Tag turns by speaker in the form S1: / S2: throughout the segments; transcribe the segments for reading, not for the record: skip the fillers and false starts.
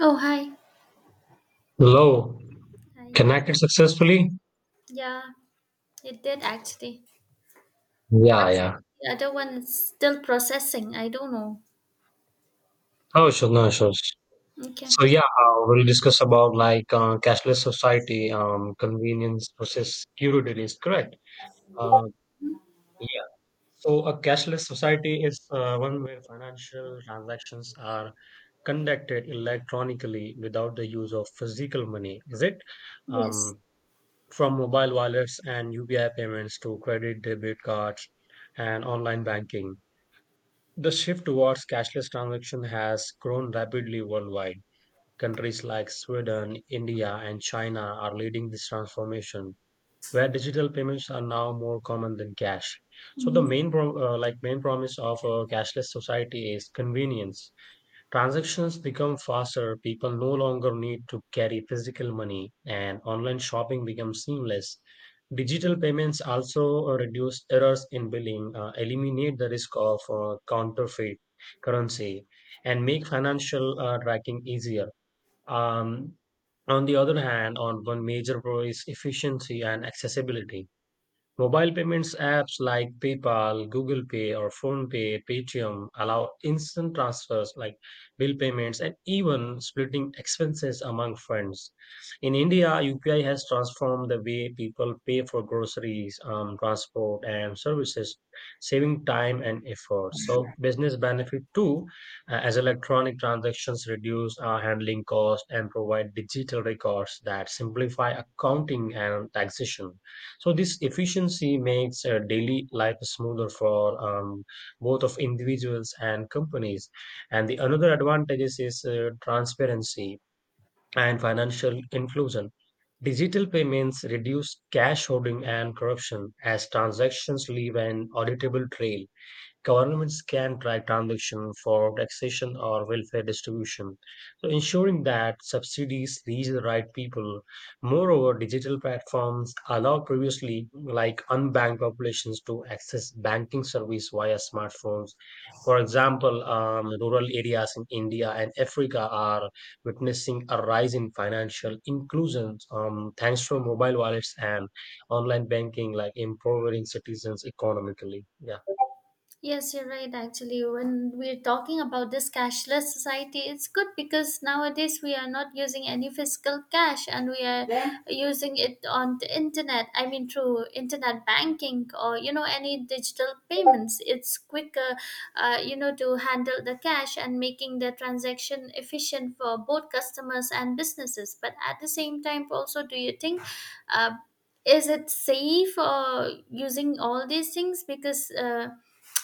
S1: Oh, hi.
S2: Hello,
S1: Hi.
S2: connected successfully?
S1: Yeah, it did actually.
S2: Yeah,
S1: But
S2: yeah.
S1: the other one is still processing. I don't know.
S2: Oh, sure, no, sure.
S1: Okay.
S2: So we'll discuss about cashless society, convenience versus security is correct. Uh, yeah. So a cashless society is one where financial transactions are conducted electronically without the use of physical money, is it?
S1: Yes.
S2: Um, from mobile wallets and UPI payments to credit, debit cards, and online banking. The shift towards cashless transaction has grown rapidly worldwide. Countries like Sweden, India, and China are leading this transformation, where digital payments are now more common than cash. So the
S1: Mhm.
S2: main promise of a cashless society is convenience. Transactions become faster, people no longer need to carry physical money, and online shopping becomes seamless. Digital payments also reduce errors in billing, eliminate the risk of counterfeit currency, and make financial tracking easier. Um, on the other hand, on one major pro is efficiency and accessibility. Mobile payments apps like PayPal, Google Pay, or PhonePe, Paytm allow instant transfers like bill payments and even splitting expenses among friends. In India, UPI has transformed the way people pay for groceries, transport, and services, saving time and effort. So business benefit too, as electronic transactions reduce our handling cost and provide digital records that simplify accounting and taxation. So this efficiency makes daily life smoother for both of individuals and companies. And the another advantages is transparency and financial inclusion. Digital payments reduce cash hoarding and corruption as transactions leave an auditable trail. Governments can track transactions for taxation or welfare distribution, so ensuring that subsidies reach the right people. Moreover, digital platforms allow previously like unbanked populations to access banking service via smartphones. For example, rural areas in India and Africa are witnessing a rise in financial inclusion thanks to mobile wallets and online banking, like empowering citizens economically. Yeah.
S1: Yes, you're right. Actually, when we're talking about this cashless society, it's good because nowadays we are not using any physical cash and we are Then, using it on the internet. I mean, through internet banking or you know any digital payments. It's quicker, you know, to handle the cash and making the transaction efficient for both customers and businesses. But at the same time, also, do you think? Uh, is it safe using all these things because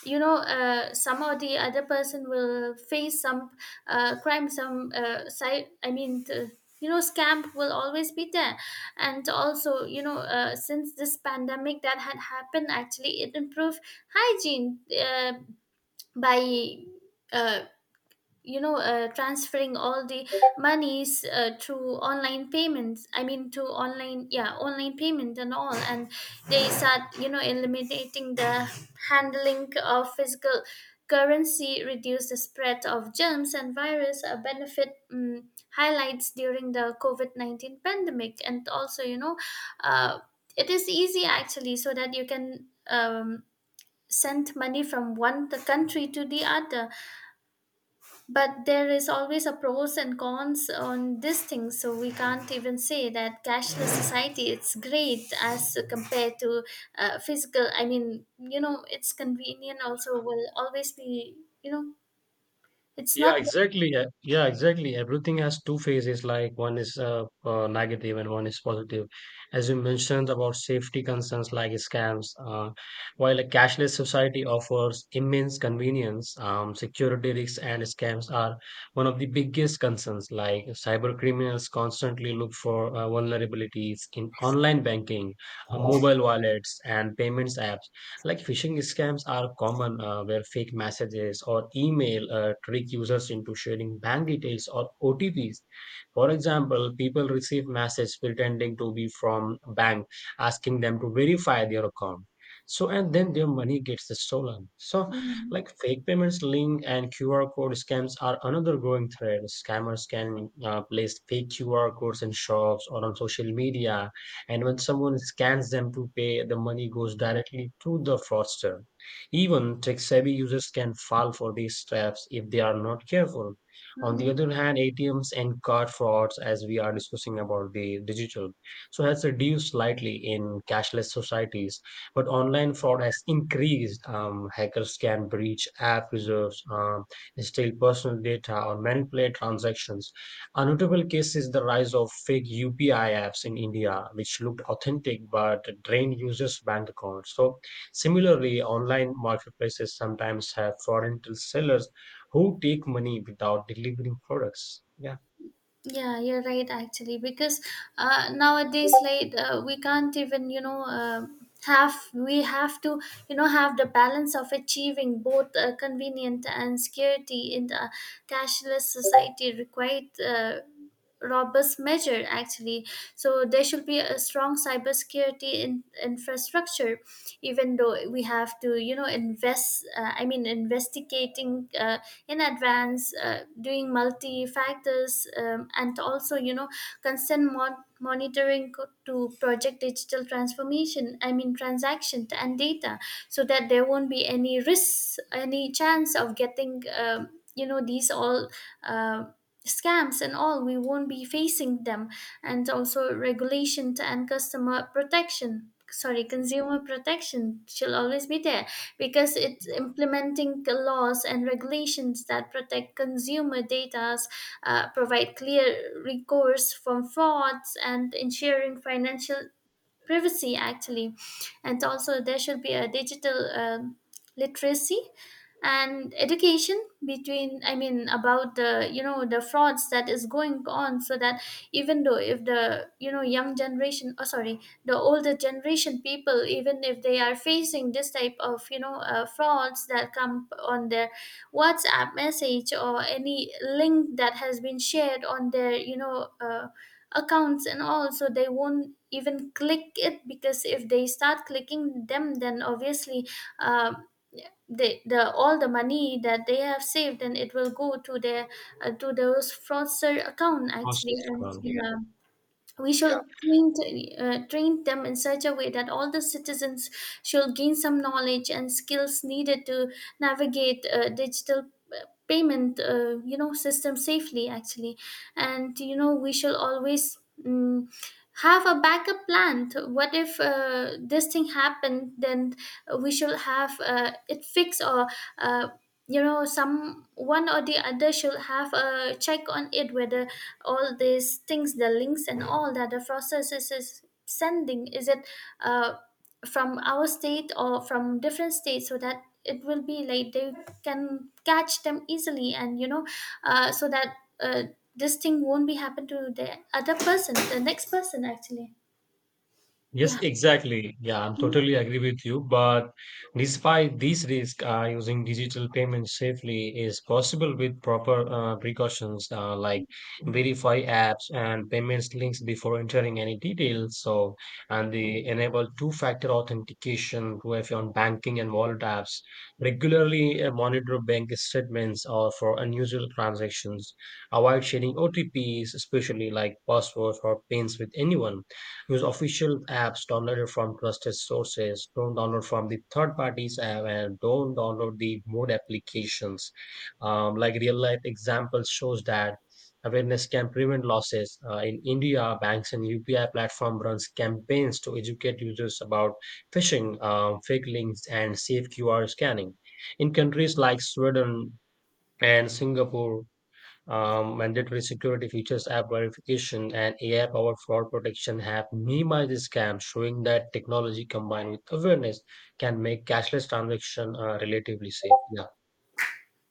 S1: you know somehow the other person will face some crime some side, I mean you know, scam will always be there. And also, you know, since this pandemic that had happened, actually it improved hygiene, by uh, you know, transferring all the monies to online payments, I mean to online, yeah, online payment and all, and they start, you know, eliminating the handling of physical currency, reduce the spread of germs and virus, a benefit highlights during the covid-19 pandemic. And also, you know, uh, it is easy actually, so that you can send money from one the country to the other. But there is always a pros and cons on this thing, so we can't even say that cashless society it's great as compared to physical, I mean, you know, it's convenient also will always be, you know, it's
S2: Yeah,
S1: not.
S2: exactly. Yeah, yeah, exactly. Everything has two phases, like one is negative and one is positive. As you mentioned about safety concerns like scams, while a cashless society offers immense convenience, security risks and scams are one of the biggest concerns. Like cyber criminals constantly look for vulnerabilities in online banking, mobile wallets, and payments apps. Like phishing scams are common, where fake messages or email trick users into sharing bank details or OTPs. For example, people receive messages pretending to be from bank, asking them to verify their account. So and then their money gets stolen. So
S1: Mm-hmm.
S2: like fake payments link and QR code scams are another growing threat. Scammers can place fake QR codes in shops or on social media and when someone scans them to pay, the money goes directly to the fraudster. Even tech savvy users can fall for these traps if they are not careful. On the other hand, ATMs and card frauds, as we are discussing about the digital, so has reduced slightly in cashless societies, but online fraud has increased. Hackers can breach app reserves, steal personal data, or manipulate transactions. A notable case is the rise of fake UPI apps in India, which looked authentic but drained users' bank accounts. So similarly, online marketplaces sometimes have foreign sellers who take money without delivering products. Yeah.
S1: Yeah, you're right actually, because nowadays, like, we can't even, you know, have, we have to, you know, have the balance of achieving both convenient and security in the cashless society required robust measure actually. So there should be a strong cybersecurity in, infrastructure, even though we have to, you know, invest, I mean investigating in advance, doing multi factors, and also, you know, consent monitoring to project digital transformation, I mean transaction and data, so that there won't be any risks, any chance of getting you know, these all um, scams and all, we won't be facing them. And also, regulation and customer protection, sorry, consumer protection shall always be there, because it's implementing the laws and regulations that protect consumer data, provide clear recourse from frauds and ensuring financial privacy actually. And also, there should be a digital literacy and education between, I mean about the, you know, the frauds that is going on, so that even though if the, you know, young generation, oh sorry, the older generation people, even if they are facing this type of, you know, frauds that come on their whatsapp message or any link that has been shared on their, you know, accounts and all, so they won't even click it, because if they start clicking them, then obviously um they, the all the money that they have saved, and it will go to their to those fraudster account
S2: Cost
S1: actually.
S2: is
S1: And
S2: economic.
S1: yeah, we
S2: Yeah.
S1: shall train, train them in such a way that all the citizens shall gain some knowledge and skills needed to navigate digital payment, you know, system safely actually. And you know, we shall always mm have a backup plan to- what if this thing happened, then we shall have it fixed, or uh, you know, some one or the other shall have a check on it, whether all these things, the links and all that the processes is sending, is it uh, from our state or from different states, so that it will be like they can catch them easily. And you know, so that uh, this thing won't be happen to the other person, the next person actually.
S2: Yes,
S1: Yeah.
S2: exactly. Yeah, I'm totally agree with you. But despite these risks, using digital payments safely is possible with proper precautions like verify apps and payments links before entering any details. So, and they enable two-factor authentication to have on banking and wallet apps. Regularly monitor bank statements or for unusual transactions. Avoid sharing OTPs, especially like passwords or pins with anyone. Use official apps downloaded from trusted sources. Don't download from the third parties app and don't download the mode applications. Like real life example shows that awareness can prevent losses. In India, banks and UPI platform runs campaigns to educate users about phishing, fake links, and safe QR scanning. In countries like Sweden and Singapore, mandatory security features, app verification, and AI-powered fraud protection have minimized scams, showing that technology combined with awareness can make cashless transaction relatively safe. Yeah,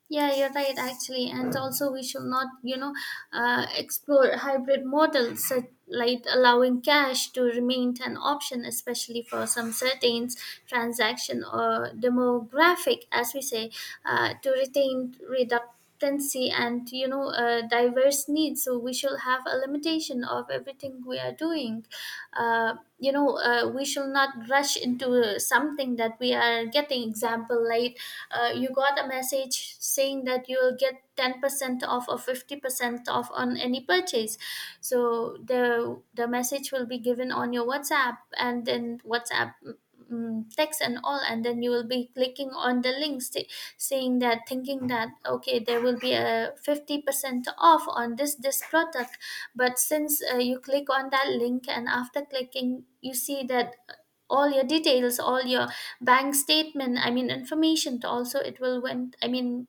S1: Yeah, you're right, actually. And also, we should not, you know, explore hybrid models such like allowing cash to remain an option, especially for some certain transaction or demographic, as we say, to retain reductancy and, you know, diverse needs. So we should have a limitation of everything we are doing, you know, we shall not rush into something that we are getting. Example, like, you got a message saying that you will get 10% off or 50% off on any purchase. So the message will be given on your whatsapp, and then whatsapp text and all, and then you will be clicking on the links, saying that, thinking that, okay, there will be a 50% off on this product. But since you click on that link, and after clicking you see that all your details, all your bank statement, I mean information to also, it will went, I mean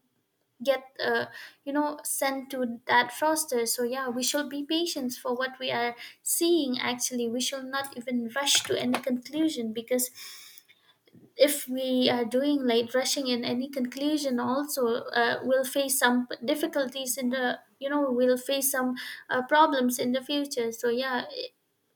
S1: get you know, sent to that froster. So yeah, we should be patient for what we are seeing actually. We should not even rush to any conclusion, because if we are doing like rushing in any conclusion also, we'll face some difficulties in the, you know, we'll face some problems in the future. So yeah,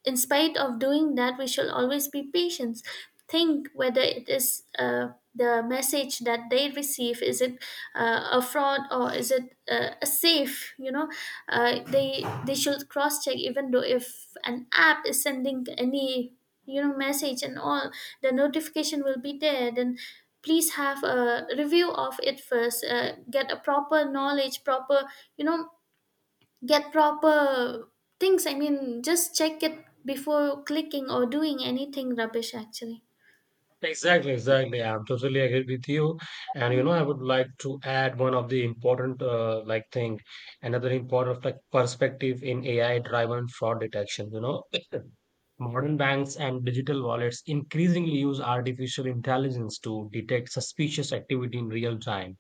S1: in spite of doing that, we should always be patient. Think whether it is the message that they receive, is it a fraud or is it a safe? You know, they should cross check, even though if an app is sending any, you know, message and all, the notification will be there, then please have a review of it first. Get a proper knowledge, proper, you know, get proper things. I mean, just check it before clicking or doing anything rubbish, actually.
S2: exactly, exactly. I'm totally agree with you. And you know, I would like to add one of the important thing, another important like perspective in AI-driven fraud detection. You know, modern banks and digital wallets increasingly use artificial intelligence to detect suspicious activity in real time.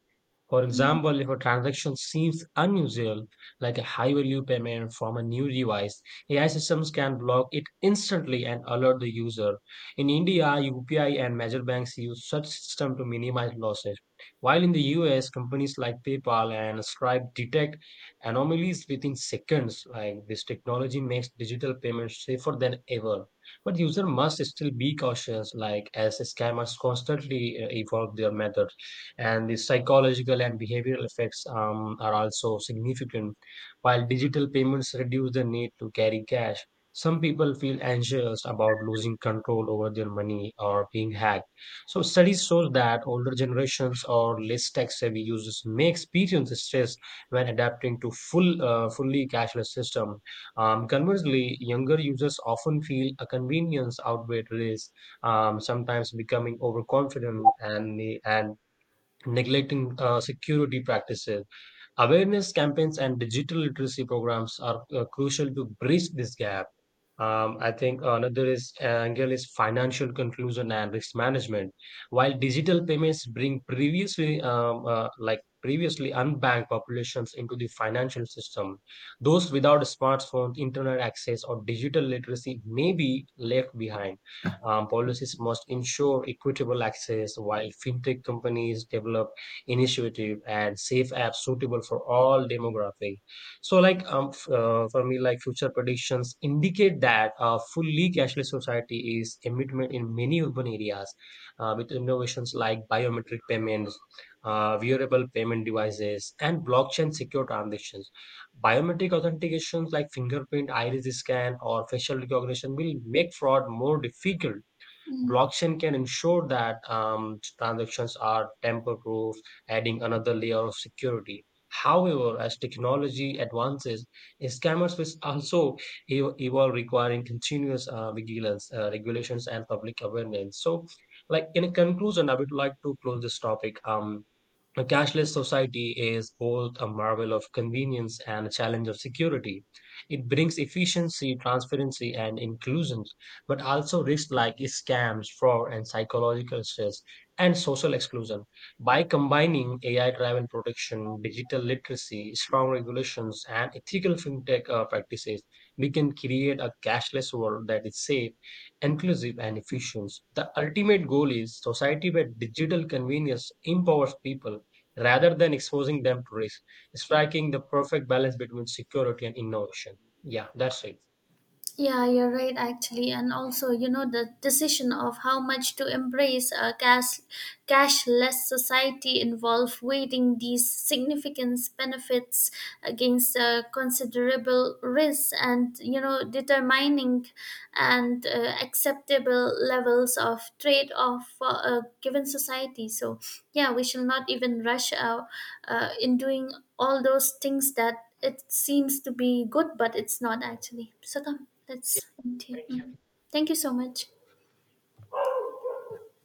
S2: For
S1: Mhm.
S2: example, if a transaction seems unusual, like a high value payment from a new device, AI systems can block it instantly and alert the user. In India, UPI and major banks use such system to minimize losses. While in the US, companies like PayPal and Stripe detect anomalies within seconds. Like this technology makes digital payments safer than ever. But user must still be cautious, like as scammers constantly evolve their methods and the psychological and behavioral effects are also significant. While digital payments reduce the need to carry cash, some people feel anxious about losing control over their money or being hacked. So studies show that older generations or less tech-savvy users may experience stress when adapting to fully cashless system. Conversely, younger users often feel a convenience outweigh risk, sometimes becoming overconfident and neglecting security practices. Awareness campaigns and digital literacy programs are crucial to bridge this gap. I think another is angle is financial conclusion and risk management. While digital payments bring previously unbanked populations into the financial system, those without smartphones, internet access, or digital literacy may be left behind. Policies must ensure equitable access while fintech companies develop initiative and safe apps suitable for all demographic. So, for me, like future predictions indicate that a fully cashless society is a commitment in many urban areas with innovations like biometric payments, wearable payment devices, and blockchain secure transactions. Biometric authentications like fingerprint, iris scan, or facial recognition will make fraud more difficult.
S1: Mhm.
S2: Blockchain can ensure that transactions are tamper-proof, adding another layer of security. However, as technology advances, scammers will also evolve, requiring continuous vigilance, regulations, and public awareness. So, like in conclusion, I would like to close this topic. A cashless society is both a marvel of convenience and a challenge of security. It brings efficiency, transparency, and inclusion, but also risks like scams, fraud, and psychological stress and social exclusion. By combining AI driven protection, digital literacy, strong regulations, and ethical fintech practices, we can create a cashless world that is safe, inclusive, and efficient. The ultimate goal is society where digital convenience empowers people rather than exposing them to risk, striking the perfect balance between security and innovation. Yeah, that's it.
S1: Yeah, you're right, actually. And also, you know, the decision of how much to embrace a cash, cashless society involve weighing these significant benefits against considerable risks, and, you know, determining and acceptable levels of trade off for a given society. So, yeah, we shall not even rush out in doing all those things that it seems to be good, but it's not actually. So come,
S2: Yeah,
S1: let's end here.
S2: right.
S1: Mhm. Thank you so much.